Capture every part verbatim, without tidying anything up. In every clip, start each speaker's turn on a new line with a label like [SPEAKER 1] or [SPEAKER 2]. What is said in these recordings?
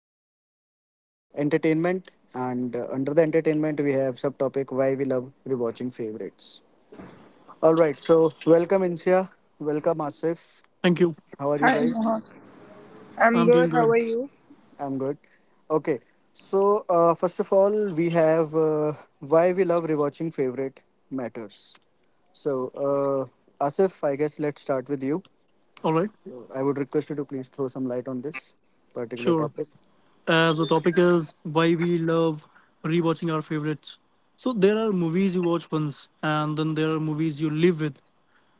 [SPEAKER 1] on the topic uh, entertainment. And uh, under the entertainment, we have subtopic why we love rewatching favorites. All right, so welcome Insha, welcome Asif.
[SPEAKER 2] Thank you.
[SPEAKER 1] How are you
[SPEAKER 3] Hi
[SPEAKER 1] guys?
[SPEAKER 3] Mohak. I'm
[SPEAKER 2] I'm doing
[SPEAKER 3] good. How
[SPEAKER 2] good.
[SPEAKER 3] are you?
[SPEAKER 1] I'm good. Okay, so uh, first of all, we have uh, why we love rewatching favorite matters. So, uh, Asif, I guess let's start with you.
[SPEAKER 2] All right.
[SPEAKER 1] I would request you to please throw some light on this particular
[SPEAKER 2] Sure.
[SPEAKER 1] topic.
[SPEAKER 2] As the topic is why we love rewatching our favorites. So there are movies you watch once, and then there are movies you live with.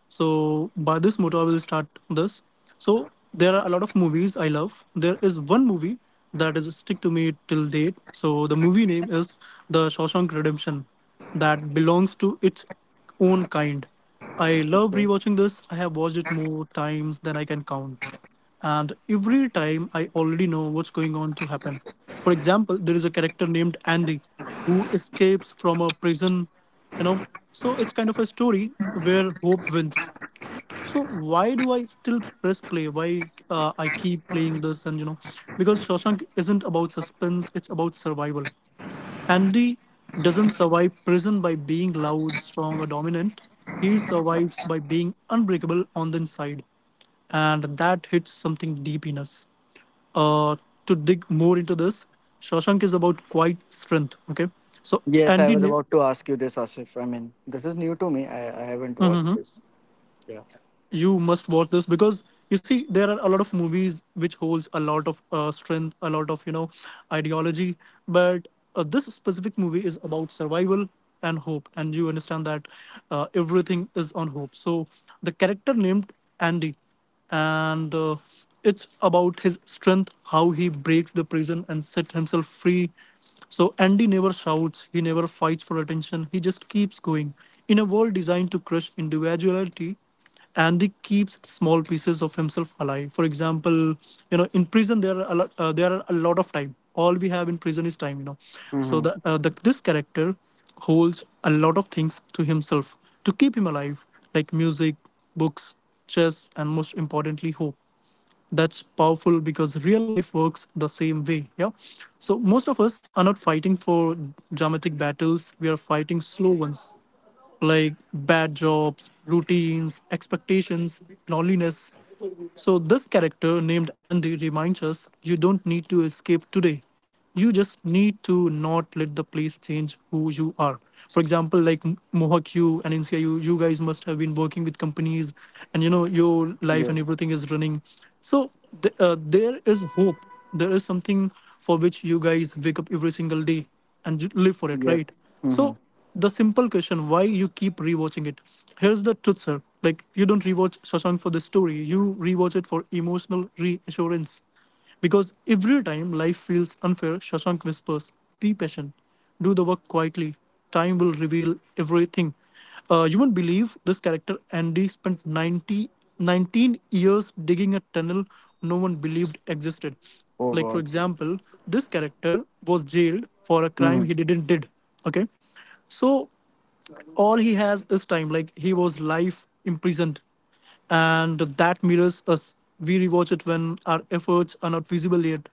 [SPEAKER 2] So by this motto, I will start this. So there are a lot of movies I love. There is one movie that is stick to me till date. So the movie name is The Shawshank Redemption. That belongs to its own kind. I love
[SPEAKER 1] Okay.
[SPEAKER 2] rewatching this. I have watched it more times than I can count. and every time I already know what's going on to happen. For example, there is a character named Andy who escapes from a prison, you know. So it's kind of a story where hope wins. So why do I still press play? Why uh, I keep playing this and you know, because Shawshank isn't about suspense; it's about survival. Andy doesn't survive prison by being loud, strong, or dominant. He survives by being unbreakable on the inside. And that hits something deep in us. Uh, to dig more into this, Shawshank is about quiet strength. Okay. So,
[SPEAKER 1] Yes, I
[SPEAKER 2] Andy.
[SPEAKER 1] was
[SPEAKER 2] Ne-
[SPEAKER 1] about to ask you this, Asif. I mean, this is new to me. I, I haven't watched
[SPEAKER 2] Mm-hmm.
[SPEAKER 1] this. Yeah.
[SPEAKER 2] you must watch this, because you see there are a lot of movies which holds a lot of uh, strength, a lot of you know ideology, but uh, this specific movie is about survival and hope, and you understand that uh, everything is on hope. So the character named andy, and uh, it's about his strength, how he breaks the prison and set himself free. So Andy never shouts, he never fights for attention, he just keeps going. In a world designed to crush individuality, Andy keeps small pieces of himself alive. For example, you know, in prison there are a lot, uh, there are a lot of time. All we have in prison is time. You know, so the,
[SPEAKER 1] Mm-hmm.
[SPEAKER 2] uh, the this character holds a lot of things to himself to keep him alive, like music, books, chess, and most importantly, hope. That's powerful because real life works the same way. Yeah. So most of us are not fighting for dramatic battles. We are fighting slow ones like bad jobs, routines, expectations, loneliness. So this character named Andy reminds us, you don't need to escape today. You just need to not let the place change who you are. For example, like M- Mohawk, you and N C I, you, you guys must have been working with companies, and you know your life and
[SPEAKER 1] Yes.
[SPEAKER 2] everything is running. So th- uh, there is hope. There is something for which you guys wake up every single day and j- live for it,
[SPEAKER 1] Yes.
[SPEAKER 2] right?
[SPEAKER 1] Mm-hmm.
[SPEAKER 2] So the simple question, why you keep rewatching it? Here's the truth, sir. Like, you don't rewatch Shashank for the story, you rewatch it for emotional reassurance. Because every time life feels unfair, Shashank whispers: be patient, do the work quietly, time will reveal everything. Uh, you won't believe, this character Andy spent 90 nineteen years digging a tunnel no one believed existed.
[SPEAKER 1] Oh
[SPEAKER 2] Like, for
[SPEAKER 1] God.
[SPEAKER 2] example, this character was jailed for a crime
[SPEAKER 1] Mm-hmm.
[SPEAKER 2] he didn't did. Okay. So all he has is time. Like, he was life imprisoned, and that mirrors us. We rewatch it when our efforts are not visible yet.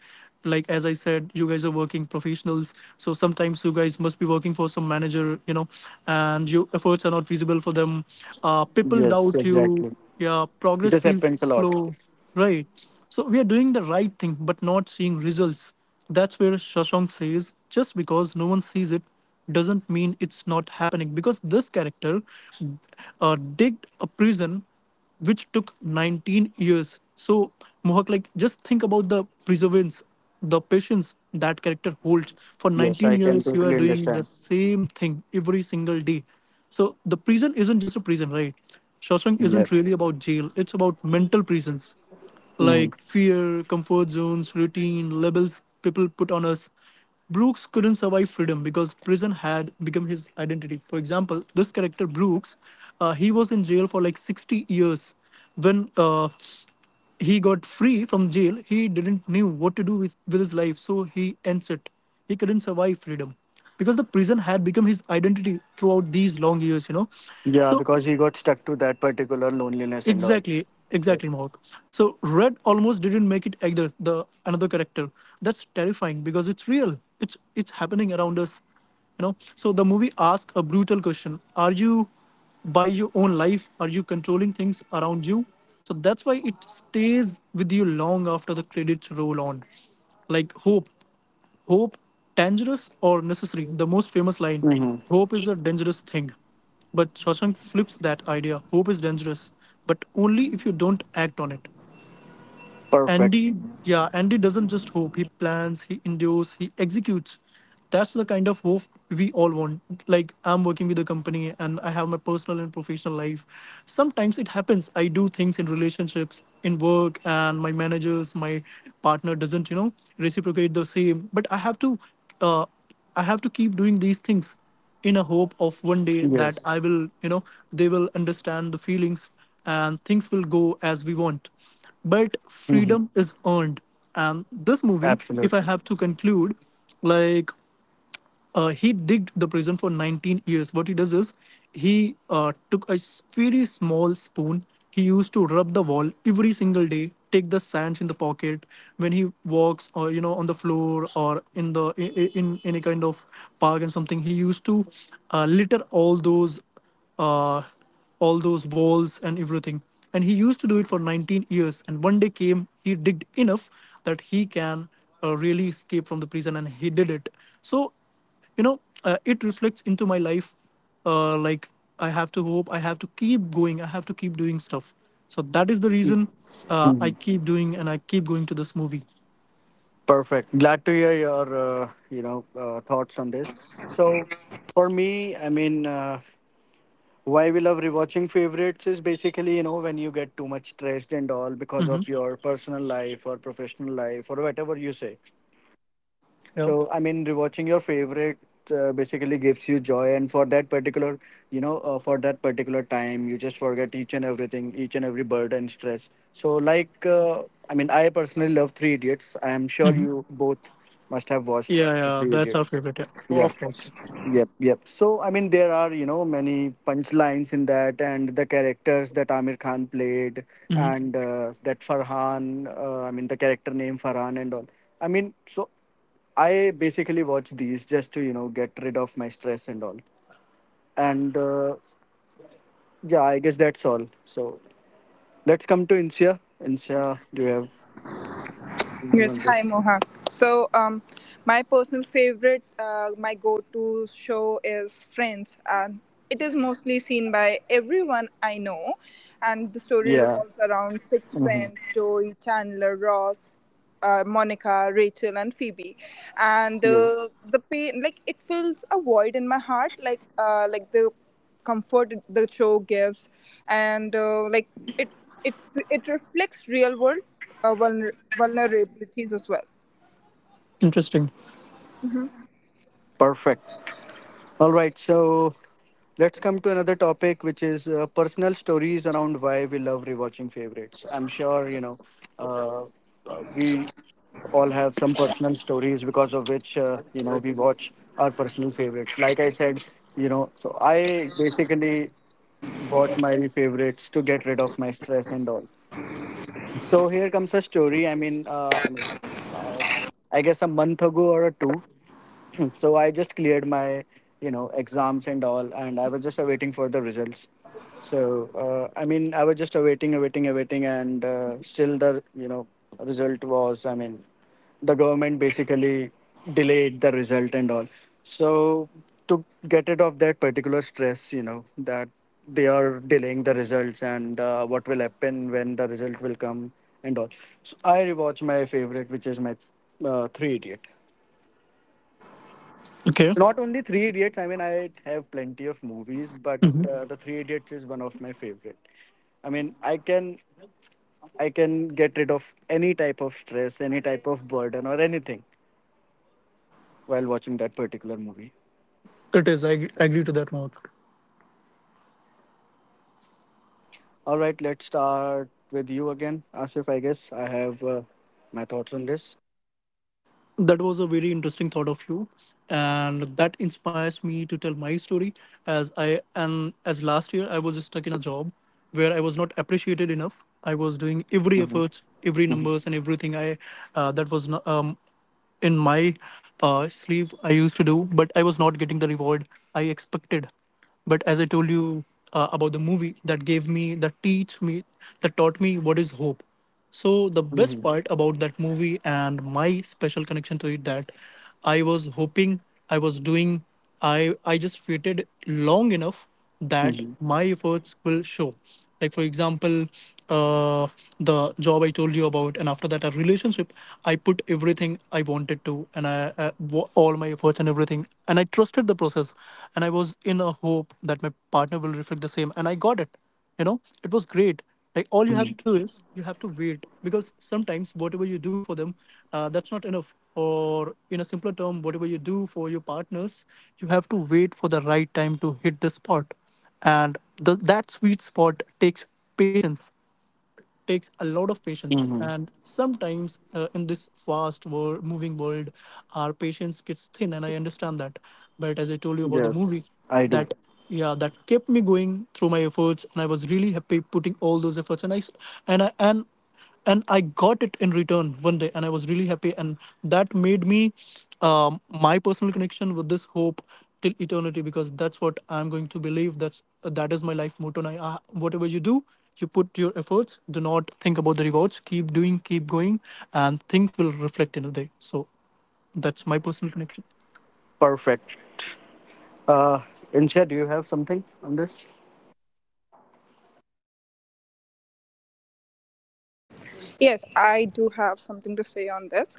[SPEAKER 2] Like as I said, you guys are working professionals, so sometimes you guys must be working for some manager, you know, and your efforts are not visible for them. Uh, people
[SPEAKER 1] Yes,
[SPEAKER 2] doubt you.
[SPEAKER 1] exactly.
[SPEAKER 2] Yeah, progress
[SPEAKER 1] This
[SPEAKER 2] feels
[SPEAKER 1] happens a lot.
[SPEAKER 2] slow, right? So we are doing the right thing, but not seeing results. That's where Shashank says, just because no one sees it doesn't mean it's not happening, because this character uh, digged a prison which took nineteen years. So, Mohak, like, just think about the perseverance, the patience that character holds. For
[SPEAKER 1] Yes,
[SPEAKER 2] nineteen
[SPEAKER 1] I can
[SPEAKER 2] years, you are
[SPEAKER 1] totally
[SPEAKER 2] doing the
[SPEAKER 1] understand.
[SPEAKER 2] same thing every single day. So the prison isn't just a prison, right? Shawshank
[SPEAKER 1] Yeah.
[SPEAKER 2] isn't really about jail, it's about mental prisons
[SPEAKER 1] Mm-hmm.
[SPEAKER 2] like fear, comfort zones, routine, labels people put on us. Brooks couldn't survive freedom because prison had become his identity. For example, this character Brooks, uh, he was in jail for like sixty years. When uh, he got free from jail, he didn't knew what to do with, with his life, so he ends it. He couldn't survive freedom because the prison had become his identity throughout these long years, you know.
[SPEAKER 1] Yeah,
[SPEAKER 2] So
[SPEAKER 1] because he got stuck to that particular loneliness and all.
[SPEAKER 2] exactly,
[SPEAKER 1] Yeah.
[SPEAKER 2] exactly, Mohawk. So Red almost didn't make it either. The another character. That's terrifying because it's real. It's it's happening around us, you know. So the movie asks a brutal question: are you by your own life? Are you controlling things around you? So that's why it stays with you long after the credits roll on. Like, hope Hope, dangerous or necessary? The most famous line:
[SPEAKER 1] Mm-hmm.
[SPEAKER 2] hope is a dangerous thing. But Shawshank flips that idea. Hope is dangerous, but only if you don't act on it.
[SPEAKER 1] Perfect.
[SPEAKER 2] Andy, yeah, Andy doesn't just hope. He plans, he endures, he executes. That's the kind of hope we all want. Like, I'm working with a company and I have my personal and professional life. Sometimes it happens. I do things in relationships, in work, and my managers, my partner doesn't, you know, reciprocate the same. But I have to, uh, I have to keep doing these things in a hope of one day that I
[SPEAKER 1] Yes.
[SPEAKER 2] will, you know, they will understand the feelings and things will go as we want. But
[SPEAKER 1] Mm-hmm.
[SPEAKER 2] freedom is earned. And this movie, if
[SPEAKER 1] Absolute.
[SPEAKER 2] I have to conclude, like, uh, he digged the prison for nineteen years. What he does is he uh, took a s- very small spoon. He used to rub the wall every single day, take the sands in the pocket when he walks, or you know on the floor, or in the i- i- in any kind of park and something. He used to uh, litter all those uh, all those walls and everything. And he used to do it for nineteen years. And one day came, he digged enough that he can uh, really escape from the prison, and he did it. So you know uh, it reflects into my life, uh, like, I have to hope, I have to keep going, I have to keep doing stuff. So that is the reason uh, I
[SPEAKER 1] Mm-hmm.
[SPEAKER 2] keep doing and I keep going to this movie.
[SPEAKER 1] Perfect. Glad to hear your uh, you know uh, thoughts on this. So for me, I mean, uh, why we love rewatching favorites is basically you know when you get too much stressed and all because
[SPEAKER 2] Hmm.
[SPEAKER 1] of your personal life or professional life or whatever you say.
[SPEAKER 2] Yeah.
[SPEAKER 1] So, I mean, rewatching your favorite uh, basically gives you joy, and for that particular, you know, uh, for that particular time, you just forget each and everything, each and every burden, stress. So, like, uh, I mean, I personally love Three Idiots. I am sure
[SPEAKER 2] Hmm.
[SPEAKER 1] you both must have watched
[SPEAKER 2] Yeah,
[SPEAKER 1] the
[SPEAKER 2] yeah,
[SPEAKER 1] Three
[SPEAKER 2] that's our
[SPEAKER 1] Idiots.
[SPEAKER 2] favorite. Yeah,
[SPEAKER 1] Yeah.
[SPEAKER 2] of course.
[SPEAKER 1] Yep, yep. So I mean, there are you know many punchlines in that, and the characters that Amir Khan played,
[SPEAKER 2] Hmm.
[SPEAKER 1] and uh, that Farhan. Uh, I mean, the character name Farhan and all. I mean, so I basically watch these just to you know get rid of my stress and all. And uh, yeah, I guess that's all. So let's come to Insia. Insia, do you have anything
[SPEAKER 3] Yes,
[SPEAKER 1] on
[SPEAKER 3] hi
[SPEAKER 1] this?
[SPEAKER 3] Mohak. So, um, my personal favorite, uh, my go-to show is Friends, and it is mostly seen by everyone I know. And the story
[SPEAKER 1] Yeah.
[SPEAKER 3] revolves around six friends: Joey, Chandler, Ross, uh, Monica, Rachel, and Phoebe. And uh,
[SPEAKER 1] Yes.
[SPEAKER 3] the pain, like it fills a void in my heart, like uh, like the comfort the show gives, and uh, like it It it reflects real world uh, vulner- vulnerabilities as well.
[SPEAKER 2] Interesting.
[SPEAKER 1] Perfect. All right, so let's come to another topic, which is uh, personal stories around why we love rewatching favorites. I'm sure you know uh, uh, we all have some personal stories because of which uh, you know we watch our personal favorites. Like I said, you know, so I basically watch my favorites to get rid of my stress and all. So here comes a story. I mean, uh, I mean, uh, I guess a month ago or a two. So I just cleared my, you know, exams and all, and I was just awaiting for the results. So uh, I mean, I was just awaiting, awaiting, awaiting, and uh, still the you know result was. I mean, the government basically delayed the result and all. So to get rid of that particular stress, you know, that they are delaying the results and uh, what will happen when the result will come and all. So I rewatch my favorite, which is my uh, Three Idiot.
[SPEAKER 2] Okay.
[SPEAKER 1] Not only Three Idiots. I mean, I have plenty of movies, but
[SPEAKER 2] Hmm.
[SPEAKER 1] uh, the Three Idiots is one of my favorite. I mean, I can I can get rid of any type of stress, any type of burden, or anything while watching that particular movie.
[SPEAKER 2] It is. I ag- agree to that, Mark.
[SPEAKER 1] All right, let's start with you again, Asif. I guess I have uh, my thoughts on this.
[SPEAKER 2] That was a very interesting thought of you, and that inspires me to tell my story. as i and as last year I was stuck in a job where I was not appreciated enough. I was doing every
[SPEAKER 1] Hmm.
[SPEAKER 2] efforts, every
[SPEAKER 1] Hmm.
[SPEAKER 2] numbers, and everything I uh, that was no- um, in my uh, sleeve I used to do, but I was not getting the reward I expected. But as I told you uh, about the movie that gave me that teach me that taught me what is hope. So the best
[SPEAKER 1] Hmm.
[SPEAKER 2] part about that movie and my special connection to it: that I was hoping, I was doing, I I just waited long enough that
[SPEAKER 1] Hmm.
[SPEAKER 2] my efforts will show. Like, for example, uh, the job I told you about, and after that a relationship, I put everything I wanted to, and I uh, wo- all my efforts and everything, and I trusted the process, and I was in a hope that my partner will reflect the same, and I got it you know It was great. Like, all you have
[SPEAKER 1] Hmm.
[SPEAKER 2] to do is you have to wait, because sometimes whatever you do for them, uh, that's not enough. Or in a simpler term, whatever you do for your partners, you have to wait for the right time to hit the spot. And the, that sweet spot takes patience, takes a lot of patience.
[SPEAKER 1] Hmm.
[SPEAKER 2] And sometimes, uh, in this fast world, moving world, our patience gets thin, and I understand that. But as I told you about the movie,
[SPEAKER 1] Yes, I do.
[SPEAKER 2] that yeah that kept me going through my efforts, and I was really happy putting all those efforts, and I s- and i and and I got it in return one day, and I was really happy. And that made me, um, my personal connection with this hope till eternity, because that's what I'm going to believe. That's that is my life motto. And I, uh, whatever you do, you put your efforts, do not think about the rewards, keep doing, keep going, and things will reflect in a day. So that's my personal connection.
[SPEAKER 1] Perfect. Uh, Insha, do you have something on this?
[SPEAKER 3] Yes, I do have something to say on this.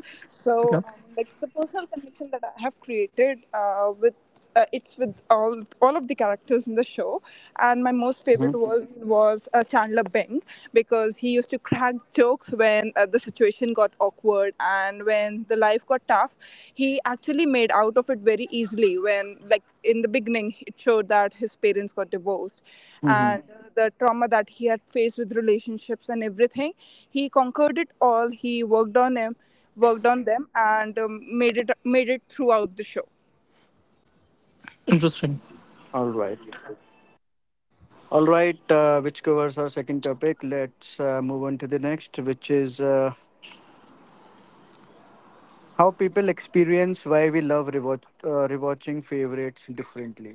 [SPEAKER 2] Okay.
[SPEAKER 3] So, um, like the personal connection that I have created uh, with uh, it's with all all of the characters in the show, and my most favorite
[SPEAKER 1] Mm-hmm.
[SPEAKER 3] was was uh, Chandler Bing because he used to crack jokes when uh, the situation got awkward and when when the life got tough, he actually made out of it very easily. When, like, in the beginning, it showed that his parents got divorced
[SPEAKER 1] Mm-hmm.
[SPEAKER 3] and uh, the trauma that he had faced with relationships and everything, he conquered it all. He worked on him, worked on them, and um, made it made it throughout the show.
[SPEAKER 2] Interesting.
[SPEAKER 1] All right. All right, uh, which covers our second topic. Let's uh, move on to the next, which is uh, how people experience why we love rewatch, uh, rewatching favorites differently.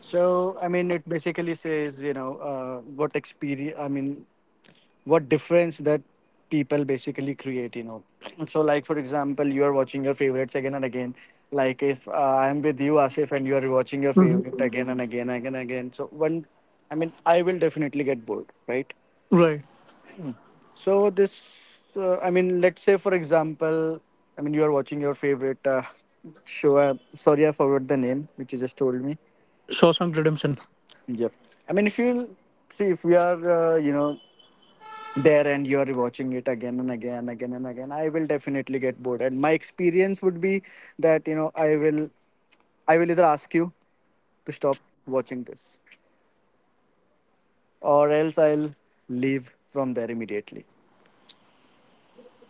[SPEAKER 1] So, I mean, it basically says, you know, uh, what experience, I mean, what difference that people basically create, you know. So, like, for example, you are watching your favorites again and again. Like, if uh, I'm with you, Asif, and you are watching your
[SPEAKER 2] Mhm.
[SPEAKER 1] favorite again and again, again and again. So, one, I mean, I will definitely get bored, right?
[SPEAKER 2] Right.
[SPEAKER 1] So this, uh, I mean, let's say for example, I mean, you are watching your favorite uh, show. Uh, sorry, I forgot the name, which you just told me.
[SPEAKER 2] Shawshank Redemption.
[SPEAKER 1] Yep. I mean, if you see, if we are, uh, you know, there and you are watching it again and again, again and again, I will definitely get bored. And my experience would be that you know, I will, I will either ask you to stop watching this, or else I'll leave from there immediately.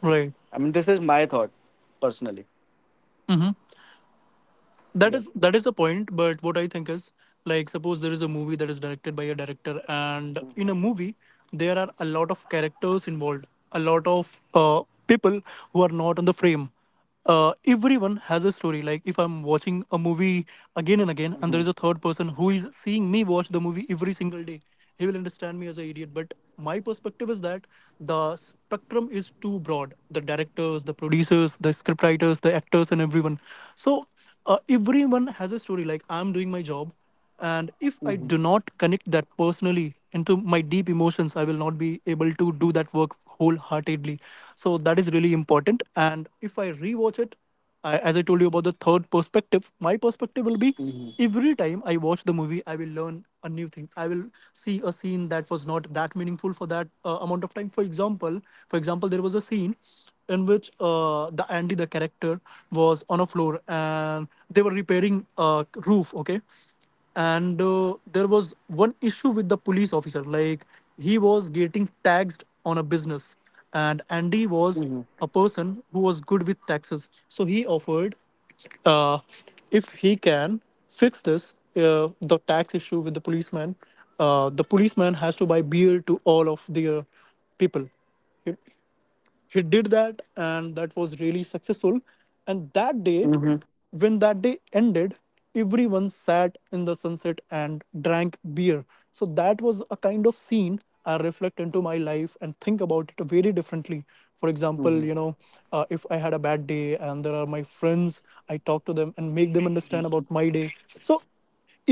[SPEAKER 2] Right.
[SPEAKER 1] I mean, this is my thought personally.
[SPEAKER 2] Mm-hmm. that
[SPEAKER 1] Yeah.
[SPEAKER 2] is that is the point. But what I think is like, suppose there is a movie that is directed by a director, and in a movie there are a lot of characters involved, a lot of uh, people who are not on the frame. Uh, everyone has a story. Like, if I'm watching a movie again and again and there is a third person who is seeing me watch the movie every single day, he will understand me as an idiot. But my perspective is that the spectrum is too broad: the directors, the producers, the scriptwriters, the actors, and everyone. So uh, everyone has a story. Like, I'm doing my job, and if I do not connect that personally into my deep emotions, I will not be able to do that work wholeheartedly. So that is really important. And if I rewatch it, I, as I told you about the third perspective, my perspective will be every time I watch the movie, I will learn a new thing. I will see a scene that was not that meaningful for that uh, amount of time. For example for example there was a scene in which uh, the Andy, the character, was on a floor and they were repairing a roof. Okay, and uh, there was one issue with the police officer. Like, he was getting taxed on a business, and Andy was a person who was good with taxes. So he offered, uh, if he can fix this, uh, the tax issue with the policeman, uh, the policeman has to buy beer to all of their people. He did that and that was really successful. And that day,
[SPEAKER 1] Mm-hmm.
[SPEAKER 2] when that day ended, everyone sat in the sunset and drank beer. So that was a kind of scene I reflect into my life and think about it very differently. For example,
[SPEAKER 1] Mhm.
[SPEAKER 2] you know uh, if I had a bad day and there are my friends, I talk to them and make them understand about my day. So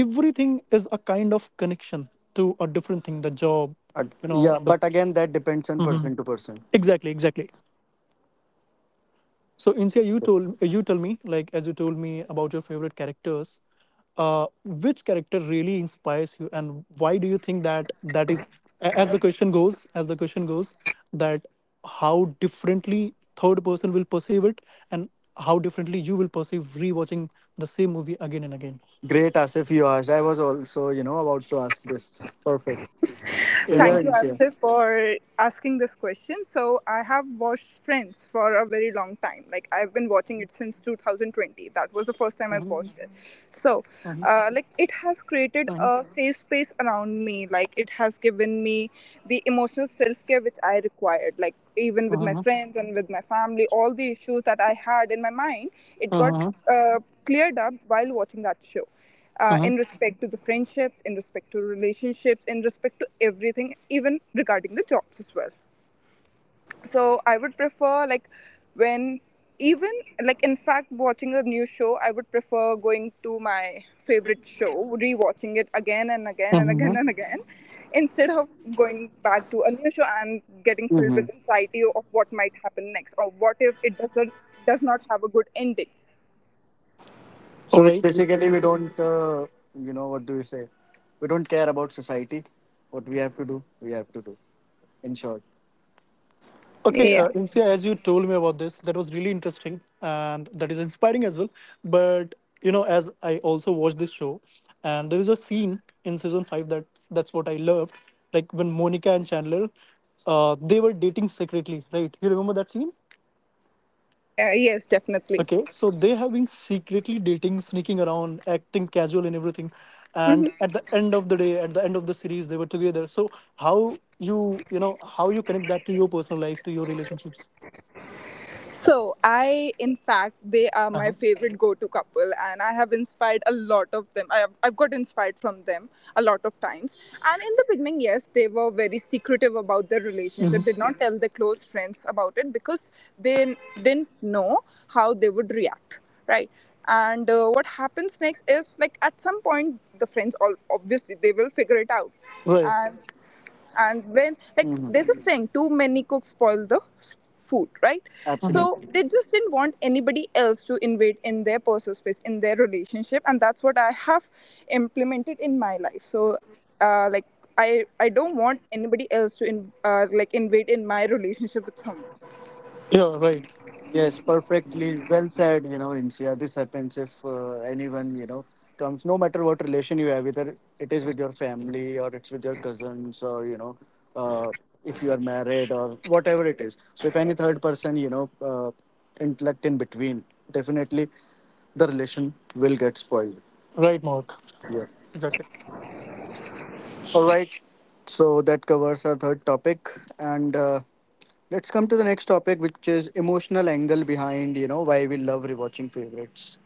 [SPEAKER 2] everything is a kind of connection to a different thing, the job
[SPEAKER 1] Ag-
[SPEAKER 2] you
[SPEAKER 1] Yeah,
[SPEAKER 2] know the-
[SPEAKER 1] but again, that depends on
[SPEAKER 2] Mhm.
[SPEAKER 1] person to person.
[SPEAKER 2] Exactly, exactly. So Insia, you told you tell me, like, as you told me about your favorite characters, uh, which character really inspires you, and why do you think that that is a- as the question goes, as the question goes, that how differently third person will perceive it, and how differently you will perceive rewatching the same movie again and again.
[SPEAKER 1] Great, Asif, you asked. I was also, you know, about to ask this. Perfect. So yeah,
[SPEAKER 2] Yeah.
[SPEAKER 3] Thank you,
[SPEAKER 1] it's- yeah.
[SPEAKER 3] Asif, for asking this question. So, I have watched Friends for a very long time. Like, I've been watching it since two thousand twenty. That was the first time I've watched it. So,
[SPEAKER 2] Mhm.
[SPEAKER 3] uh, like, it has created
[SPEAKER 2] Mhm.
[SPEAKER 3] a safe space around me. Like, it has given me the emotional self care which I required. Like, even with my
[SPEAKER 2] Mhm.
[SPEAKER 3] friends and with my family, all the issues that I had in my mind, it got
[SPEAKER 2] Mhm.
[SPEAKER 3] uh, cleared up while watching that show uh,
[SPEAKER 2] Mhm.
[SPEAKER 3] in respect to the friendships, in respect to relationships, in respect to everything, even regarding the jobs as well. So I would prefer like when even like in fact watching a new show, I would prefer going to my favorite show, rewatching it again and again and again
[SPEAKER 2] Mhm.
[SPEAKER 3] and again, instead of going back to a new show and getting filled
[SPEAKER 1] Hmm.
[SPEAKER 3] with anxiety of what might happen next or what if it doesn't does not have a good ending.
[SPEAKER 1] So
[SPEAKER 2] All
[SPEAKER 1] it's
[SPEAKER 2] right.
[SPEAKER 1] basically we don't, uh, you know, what do we say? We don't care about society. What we have to do, we have to do. In short.
[SPEAKER 2] Okay,
[SPEAKER 3] Yeah.
[SPEAKER 2] uh, Insia, as you told me about this, that was really interesting and that is inspiring as well. But you know, as I also watched this show, and there is a scene in season five that that's what I loved, like when Monica and Chandler, uh, they were dating secretly, right? You remember that scene?
[SPEAKER 3] Uh, yes, definitely.
[SPEAKER 2] Okay, so they have been secretly dating, sneaking around, acting casual and everything.
[SPEAKER 3] Mm-hmm.
[SPEAKER 2] And at the end of the day, at the end of the series, they were together. So how you you know how you connect that to your personal life, to your relationships?
[SPEAKER 3] So, I, in fact, they are my
[SPEAKER 2] Uh-huh.
[SPEAKER 3] favorite go to couple, and I have inspired a lot of them. I have, I've got inspired from them a lot of times. And in the beginning, yes, they were very secretive about their relationship, did not tell their close friends about it because they n- didn't know how they would react, right? And uh, what happens next is like at some point, the friends all obviously they will figure it out.
[SPEAKER 2] Right.
[SPEAKER 3] and and when like
[SPEAKER 1] Hmm.
[SPEAKER 3] there's a saying too many cooks spoil the s- food, right? So
[SPEAKER 2] Hmm.
[SPEAKER 3] Mhm.
[SPEAKER 1] Absolutely.
[SPEAKER 3] they just didn't want anybody else to invade in their personal space in their relationship, and that's what I have implemented in my life. So uh, like, i i don't want anybody else to in, uh, like invade in my relationship with someone.
[SPEAKER 2] Yeah, right.
[SPEAKER 1] Yes, perfectly well said. You know, Insia, this happens if uh, anyone, you know, comes, no matter what relation you have, whether it is with your family or it's with your cousins or, you know, uh, if you are married or whatever it is. So, if any third person, you know, uh, intellect in between, definitely the relation will get spoiled.
[SPEAKER 2] Right, Mark.
[SPEAKER 1] Yeah.
[SPEAKER 2] Exactly.
[SPEAKER 1] All right. So, that covers our third topic. And uh, let's come to the next topic, which is emotional angle behind, you know, why we love rewatching favorites.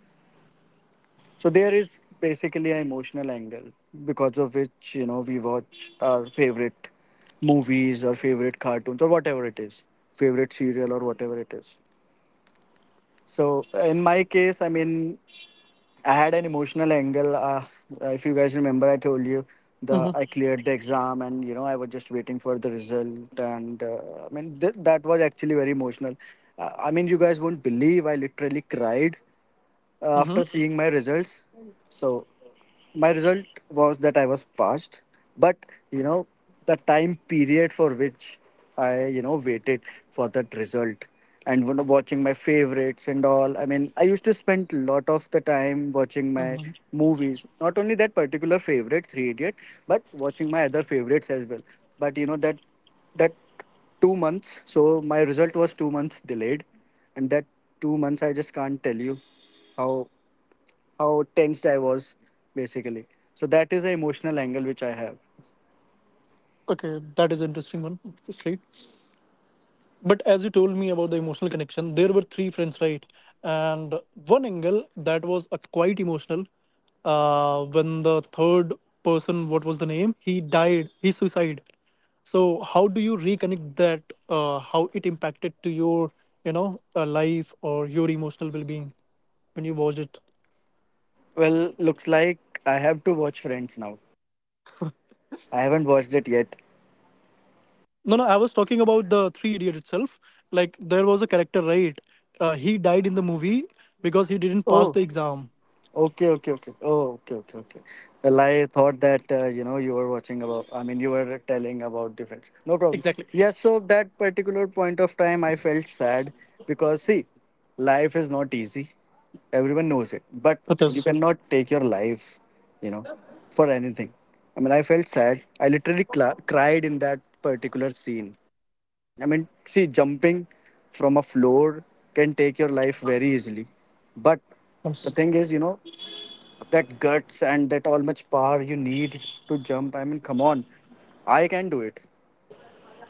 [SPEAKER 1] So there is basically an emotional angle because of which you know we watch our favorite movies or favorite cartoons or whatever it is, favorite serial or whatever it is. So in my case, I mean, I had an emotional angle. Uh, if you guys remember, I told you
[SPEAKER 2] Mm-hmm.
[SPEAKER 1] the I cleared the exam and you know I was just waiting for the result and uh, I mean th- that was actually very emotional. Uh, I mean, you guys won't believe I literally cried uh,
[SPEAKER 2] Mm-hmm.
[SPEAKER 1] after seeing my results. So my result was that I was passed, but you know the time period for which I you know waited for that result and when watching my favorites and all. I mean, I used to spend a lot of the time watching my
[SPEAKER 2] Hmm.
[SPEAKER 1] movies. Not only that particular favorite, Three Idiot, but watching my other favorites as well. But you know that that two months. So my result was two months delayed, and that two months I just can't tell you how how tensed I was basically. So that is the emotional angle which I have.
[SPEAKER 2] Okay, that is interesting one, obviously. But as you told me about the emotional connection, there were three friends, right? And one angle that was uh, quite emotional uh, when the third person, what was the name? He died. He suicide. So how do you reconnect that? Uh, how it impacted to your, you know, uh, life or your emotional well-being when you watched it?
[SPEAKER 1] Well, looks like I have to watch Friends now. I haven't watched it yet.
[SPEAKER 2] No, no, I was talking about the Three Idiot itself. Like there was a character, right? Uh, he died in the movie because he didn't pass the exam.
[SPEAKER 1] Okay, okay, okay. Oh, okay, okay, okay. Well, I thought that uh, you know you were watching about. I mean, you were telling about difference. No problem.
[SPEAKER 2] Exactly.
[SPEAKER 1] Yes. So that particular point of time, I felt sad because see, life is not easy. Everyone knows it, but
[SPEAKER 2] Which
[SPEAKER 1] you
[SPEAKER 2] is,
[SPEAKER 1] cannot take your life, you know, for anything. I mean, I felt sad. I literally cla cried in that particular scene. I mean, see, jumping from a floor can take your life very easily, but the
[SPEAKER 2] Mhm.
[SPEAKER 1] thing is, you know, that guts and that all much power you need to jump. I mean, come on, I can do it.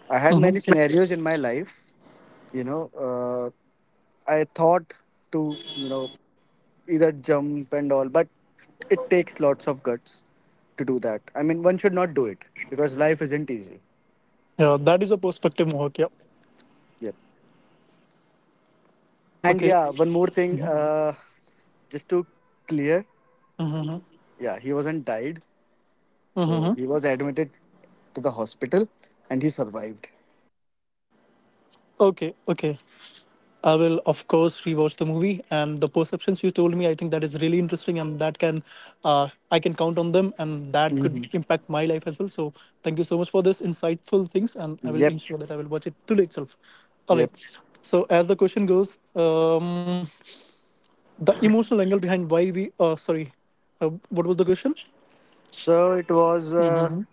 [SPEAKER 1] I had many scenarios in my life, you know, uh, I thought to, you know, either jump and all, but it takes lots of guts to do that. I mean, one should not do it because life isn't easy.
[SPEAKER 2] yeah, that is a perspective, Mohak. Yeah.
[SPEAKER 1] Yep. And
[SPEAKER 2] Okay.
[SPEAKER 1] yeah, one more thing, uh, just to clear,
[SPEAKER 2] Mm-hmm.
[SPEAKER 1] yeah, he wasn't died.
[SPEAKER 2] Mm-hmm.
[SPEAKER 1] So
[SPEAKER 2] Mm-hmm.
[SPEAKER 1] he was admitted to the hospital and he survived.
[SPEAKER 2] Okay. Okay. I will, of course, rewatch the movie and the perceptions you told me. I think that is really interesting, and that can, uh, I can count on them, and that could
[SPEAKER 1] Mhm.
[SPEAKER 2] impact my life as well. So thank you so much for this insightful things, and I will
[SPEAKER 1] Yep.
[SPEAKER 2] ensure that I will watch it today itself. All right.
[SPEAKER 1] Yep.
[SPEAKER 2] So, as the question goes, um, the emotional angle behind why we, uh, sorry, uh, what was the question?
[SPEAKER 1] So it was uh,
[SPEAKER 2] Hmm.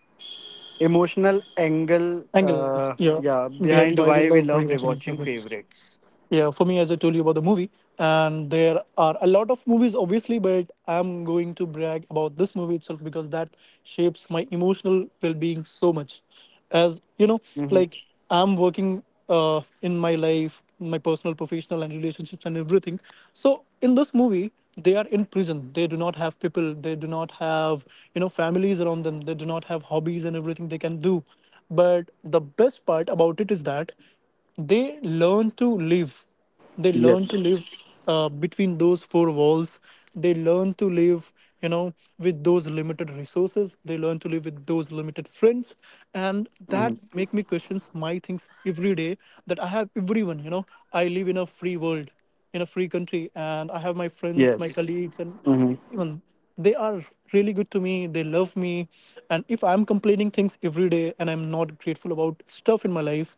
[SPEAKER 1] emotional angle,
[SPEAKER 2] Angle,
[SPEAKER 1] uh,
[SPEAKER 2] yeah,
[SPEAKER 1] yeah,
[SPEAKER 2] behind why we
[SPEAKER 1] behind why
[SPEAKER 2] love
[SPEAKER 1] we love
[SPEAKER 2] rewatching
[SPEAKER 1] rewatching
[SPEAKER 2] episodes.
[SPEAKER 1] favorites.
[SPEAKER 2] Yeah, for me, as I told you about the movie, and there are a lot of movies, obviously, but I'm going to brag about this movie itself because that shapes my emotional well being so much. As you know,
[SPEAKER 1] Mm-hmm.
[SPEAKER 2] like, I'm working uh, in my life, my personal, professional, and relationships, and everything. So in this movie, they are in prison. They do not have people, they do not have, you know, families around them, they do not have hobbies and everything they can do. But the best part about it is that they learn to live they
[SPEAKER 1] Yep.
[SPEAKER 2] learn to live uh, between those four walls. They learn to live, you know with those limited resources. They learn to live with those limited friends. And that
[SPEAKER 1] Hmm.
[SPEAKER 2] make me questions my things every day, that I have everyone. you know I live in a free world, in a free country, and I have my friends, my
[SPEAKER 1] Yes.
[SPEAKER 2] colleagues, and
[SPEAKER 1] Hmm.
[SPEAKER 2] even they are really good to me, they love me. And if I'm complaining things every day and I'm not grateful about stuff in my life,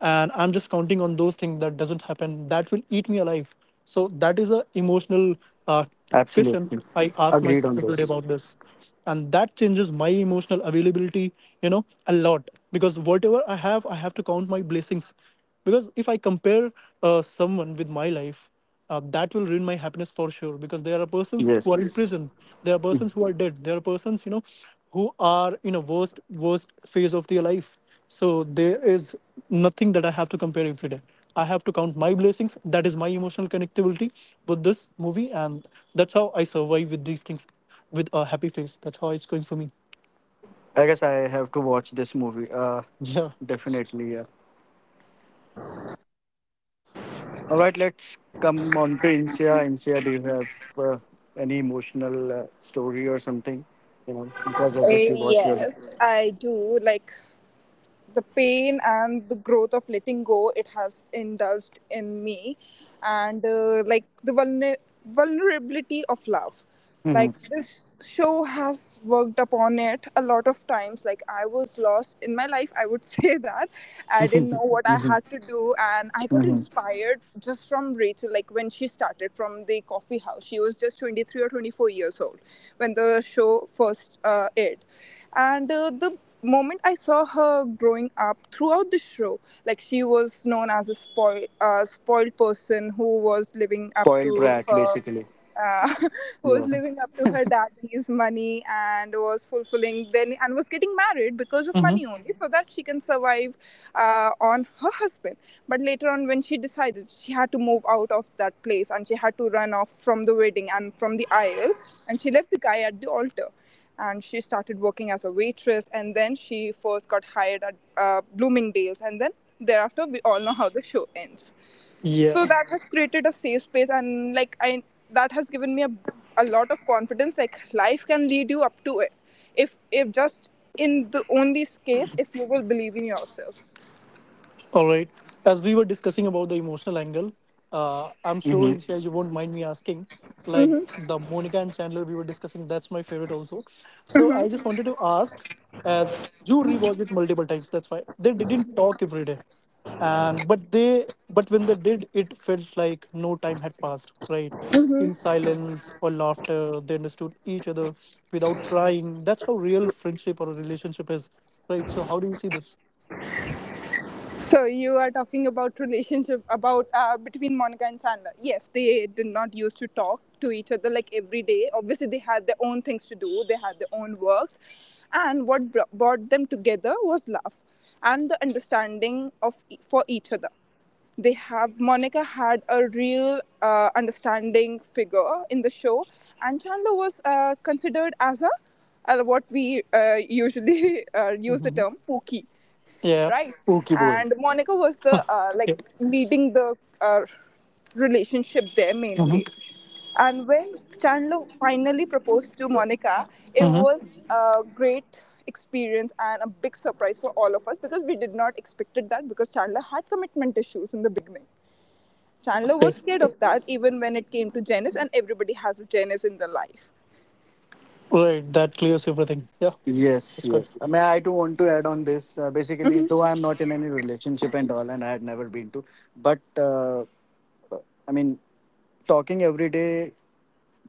[SPEAKER 2] and I'm just counting on those things that doesn't happen, that will eat me alive. So that is a emotional uh, question
[SPEAKER 1] Absolutely.
[SPEAKER 2] I ask
[SPEAKER 1] Agreed on
[SPEAKER 2] myself today
[SPEAKER 1] this.
[SPEAKER 2] about this. And that changes my emotional availability, you know, a lot. Because whatever I have, I have to count my blessings. Because if I compare uh, someone with my life, uh, that will ruin my happiness for sure. Because there are persons who are in Yes.
[SPEAKER 1] Yes.
[SPEAKER 2] prison, there are persons who are dead, there are persons, you know, who are in a worst, worst phase of their life. So there is nothing that I have to compare every day. I have to count my blessings. That is my emotional connectivity with this movie, and that's how I survive with these things with a happy face. That's how it's going for me.
[SPEAKER 1] I guess I have to watch this movie. Uh,
[SPEAKER 2] Yeah.
[SPEAKER 1] definitely. Yeah. All right. Let's come on to Insia. Insia, do you have uh, any emotional uh, story or something? You know,
[SPEAKER 3] Uh,
[SPEAKER 1] because of which you watch your.
[SPEAKER 3] yes, I do, like the pain and the growth of letting go, it has indulged in me. And uh, like the vulner- vulnerability of love, like
[SPEAKER 1] Mm-hmm.
[SPEAKER 3] this show has worked upon it a lot of times. Like I was lost in my life, I would say that I didn't know what I
[SPEAKER 1] Mm-hmm.
[SPEAKER 3] had to do, and I got
[SPEAKER 1] Mm-hmm.
[SPEAKER 3] inspired just from Rachel. Like when she started from the coffee house, she was just twenty-three or twenty-four years old when the show first uh, aired. And uh, the moment I saw her growing up throughout the show, like she was known as a spoil, uh, spoiled person who was living up
[SPEAKER 1] Spoiled
[SPEAKER 3] to
[SPEAKER 1] brat,
[SPEAKER 3] her.
[SPEAKER 1] basically.
[SPEAKER 3] Uh, who was
[SPEAKER 1] Yeah.
[SPEAKER 3] living up to her daddy's money and was fulfilling then and was getting married because of
[SPEAKER 2] Hmm.
[SPEAKER 3] money only so that she can survive uh, on her husband. But later on when she decided she had to move out of that place and she had to run off from the wedding and from the aisle, and she left the guy at the altar, and she started working as a waitress, and then she first got hired at uh, Bloomingdale's, and then thereafter we all know how the show ends. So
[SPEAKER 2] Yeah.
[SPEAKER 3] that has created a safe space, and like I that has given me a, a lot of confidence. Like life can lead you up to it if if just in the only case if you will believe in yourself.
[SPEAKER 2] All right. As we were discussing about the emotional angle, uh, I'm sure
[SPEAKER 1] Mm-hmm.
[SPEAKER 2] Insha, you won't mind me asking. Like the Monica and Chandler we were discussing, that's my favorite also. So I just wanted to ask, as you rewatched it multiple times, that's why they didn't talk every day. And but they but when they did, it felt like no time had passed. Right, in silence or laughter, they understood each other without trying. That's how real friendship or a relationship is. Right. So how do you see this?
[SPEAKER 3] So you are talking about relationship about uh, between Monica and Chandler. Yes, they did not used to talk to each other like every day. Obviously, they had their own things to do. They had their own works, and what br- brought them together was love and the understanding of e- for each other. They have Monica had a real uh, understanding figure in the show, and Chandler was uh, considered as a uh, what we uh, usually uh, use the
[SPEAKER 2] Hmm.
[SPEAKER 3] term pookie,
[SPEAKER 2] Yeah.
[SPEAKER 3] right?
[SPEAKER 1] Okay, boy.
[SPEAKER 3] And Monica was the uh, like leading the uh, relationship there
[SPEAKER 2] Mm-hmm.
[SPEAKER 3] mainly. And when Chandler finally proposed to Monica, it
[SPEAKER 2] Mm-hmm.
[SPEAKER 3] was a great experience and a big surprise for all of us because we did not expected that because Chandler had commitment issues in the beginning. Chandler was
[SPEAKER 2] Okay.
[SPEAKER 3] scared of that even when it came to Janice, and everybody has a Janice in their life.
[SPEAKER 2] Right. That clears everything. Yeah.
[SPEAKER 1] Yes,
[SPEAKER 2] That's good.
[SPEAKER 1] yes. I mean, I do want to add on this. Uh, basically, though I'm not in any relationship and all, and I had never been to, but uh, I mean, talking every day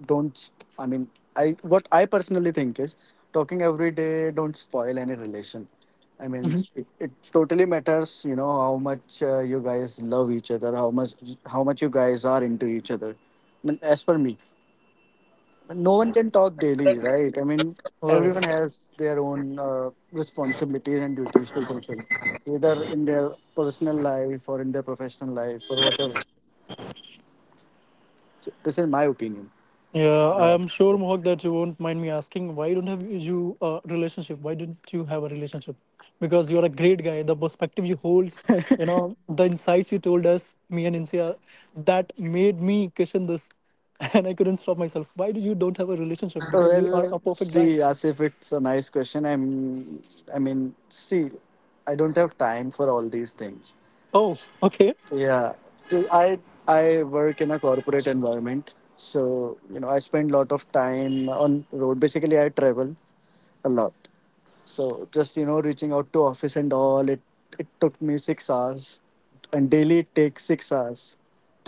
[SPEAKER 1] don't. sp- I mean, I what I personally think is talking every day don't spoil any relation. I mean,
[SPEAKER 2] Mm-hmm.
[SPEAKER 1] it, it totally matters, you know, how much uh, you guys love each other, how much how much you guys are into each other. I mean, as per me. No one can talk daily, right? I mean, everyone
[SPEAKER 2] Right.
[SPEAKER 1] has their own uh, responsibilities and duties to fulfill, either in their personal life or in their professional life or whatever. So this is my opinion.
[SPEAKER 2] Yeah. I
[SPEAKER 1] Uh,
[SPEAKER 2] am sure, Mohak, that you won't mind me asking, why don't have you a relationship? Why didn't you have a relationship? Because you're a great guy. The perspective you hold, you know, the insights you told us, me and Insia, that made me question this, and I couldn't stop myself. Why do you don't have a relationship? Because you are
[SPEAKER 1] well,
[SPEAKER 2] a perfect guy.
[SPEAKER 1] see, as if it's a nice question. I'm, I mean, see, I don't have time for all these things.
[SPEAKER 2] Oh. Okay.
[SPEAKER 1] Yeah, so I I work in a corporate environment, so you know I spend a lot of time on road. Basically, I travel a lot. So just you know, reaching out to office and all, it it took me six hours, and daily it takes six hours,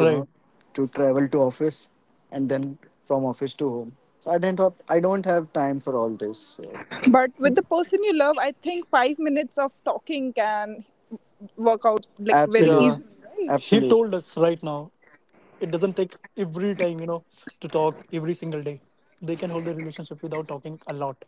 [SPEAKER 1] you know, to travel to office, and then from office to home. So I didn't have I don't have time for all this. So
[SPEAKER 3] But with the person you love, I think five minutes of talking can work out like very
[SPEAKER 1] absolute,
[SPEAKER 2] Yeah.
[SPEAKER 3] easily, right?
[SPEAKER 2] He
[SPEAKER 1] absolute.
[SPEAKER 2] told us right now. It doesn't take every time, you know to talk every single day. They can hold a relationship without talking a lot.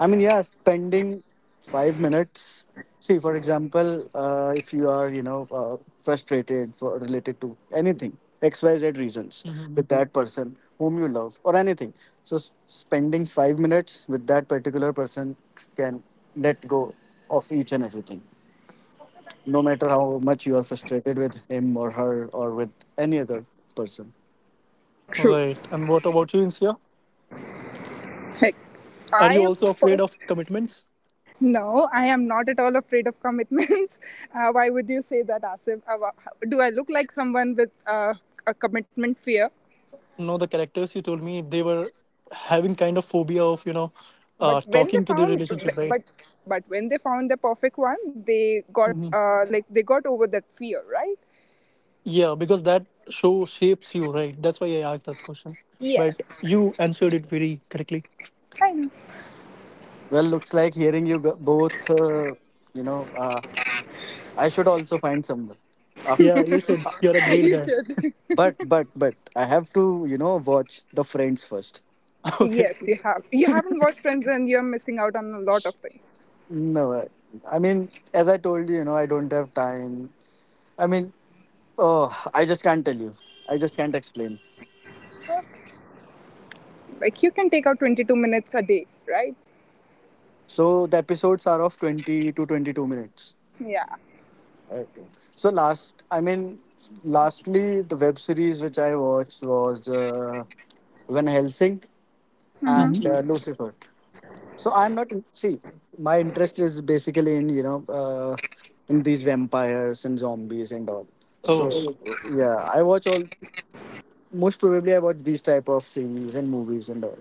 [SPEAKER 1] I mean, yeah, spending five minutes. See, for example, uh, if you are, you know, uh, frustrated for related to anything, X, Y, Z reasons with
[SPEAKER 2] Mhm.
[SPEAKER 1] that person whom you love or anything. So, s- spending five minutes with that particular person can let go of each and everything, no matter how much you are frustrated with him or her or with any other person.
[SPEAKER 3] True.
[SPEAKER 2] Right. And what about you, Insia,
[SPEAKER 3] Like I
[SPEAKER 2] are you also
[SPEAKER 3] pers-
[SPEAKER 2] afraid of commitments?
[SPEAKER 3] no, I am not at all afraid of commitments. Uh, why would you say that, Asif? Uh, wha- how- do I look like someone with uh, a commitment fear?
[SPEAKER 2] No, the characters you told me, they were having kind of phobia of, you know
[SPEAKER 3] But
[SPEAKER 2] uh,
[SPEAKER 3] when they
[SPEAKER 2] talking to the
[SPEAKER 3] found,
[SPEAKER 2] relationship, right?
[SPEAKER 3] but but when they found the perfect one, they got
[SPEAKER 2] Hmm.
[SPEAKER 3] uh, like they got over that fear, right?
[SPEAKER 2] Yeah, because that show shapes you, right? That's why I asked that question. But
[SPEAKER 3] Yes,
[SPEAKER 2] you answered it very correctly.
[SPEAKER 3] I know.
[SPEAKER 1] Well, looks like hearing you b- both, uh, you know, uh, I should also find someone.
[SPEAKER 2] Yeah, you should, you're a great
[SPEAKER 3] You
[SPEAKER 2] guy.
[SPEAKER 3] should.
[SPEAKER 1] But but but I have to you know watch the Friends first.
[SPEAKER 2] Okay.
[SPEAKER 3] Yes, you have. You haven't watched Friends, and you're missing out on a lot of things.
[SPEAKER 1] No, I I mean as I told you, you know I don't have time. I mean, oh, I just can't tell you. I just can't explain.
[SPEAKER 3] Like you can take out twenty-two minutes a day, right?
[SPEAKER 1] So the episodes are of twenty to twenty-two minutes.
[SPEAKER 3] Yeah.
[SPEAKER 1] Okay. So last, I mean, lastly, the web series which I watched was uh, Van Helsing
[SPEAKER 2] Hmm.
[SPEAKER 1] and
[SPEAKER 3] Mm-hmm.
[SPEAKER 1] uh, Hmm. Lucifer. So I'm not in- see my interest is basically in you know uh, in these vampires and zombies and all.
[SPEAKER 2] Oh.
[SPEAKER 1] So yeah, I watch all most probably I watch these type of series and movies and all.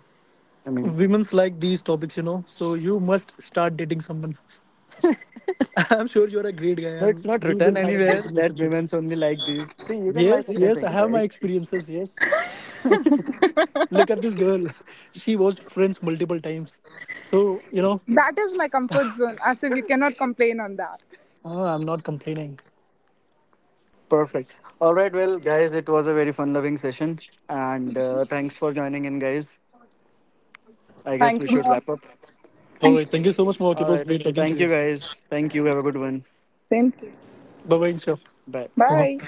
[SPEAKER 1] I mean,
[SPEAKER 2] Women's like these topics, you know. So you must start dating someone. I'm sure you're a great guy
[SPEAKER 1] no, it's
[SPEAKER 2] and
[SPEAKER 1] not
[SPEAKER 2] you
[SPEAKER 1] written
[SPEAKER 2] will have a
[SPEAKER 1] anywhere
[SPEAKER 2] great
[SPEAKER 1] that
[SPEAKER 2] relationship.
[SPEAKER 1] women's only like these. See, you can like
[SPEAKER 2] Yes, yes, I
[SPEAKER 1] anything,
[SPEAKER 2] have my
[SPEAKER 1] right?
[SPEAKER 2] experiences. Yes. Look at this girl. She watched Friends multiple times. So, you know,
[SPEAKER 3] That is my comfort zone. As if you cannot complain on that.
[SPEAKER 2] uh, I'm not complaining.
[SPEAKER 1] Perfect. All right, well, guys, it was a very fun loving session. And uh, thanks for joining in, guys. I guess
[SPEAKER 3] Thank
[SPEAKER 1] we
[SPEAKER 3] you,
[SPEAKER 1] should
[SPEAKER 3] mom.
[SPEAKER 1] wrap up.
[SPEAKER 2] All
[SPEAKER 3] Thank
[SPEAKER 2] right. Thank
[SPEAKER 3] you.
[SPEAKER 2] you so much, Mark.
[SPEAKER 1] All
[SPEAKER 2] It was
[SPEAKER 1] right.
[SPEAKER 2] great talking to
[SPEAKER 1] Thank you,
[SPEAKER 2] you.
[SPEAKER 1] guys. Thank you. Have a good one.
[SPEAKER 3] Thank you.
[SPEAKER 2] Bye bye, Insha.
[SPEAKER 1] Bye.
[SPEAKER 3] Bye.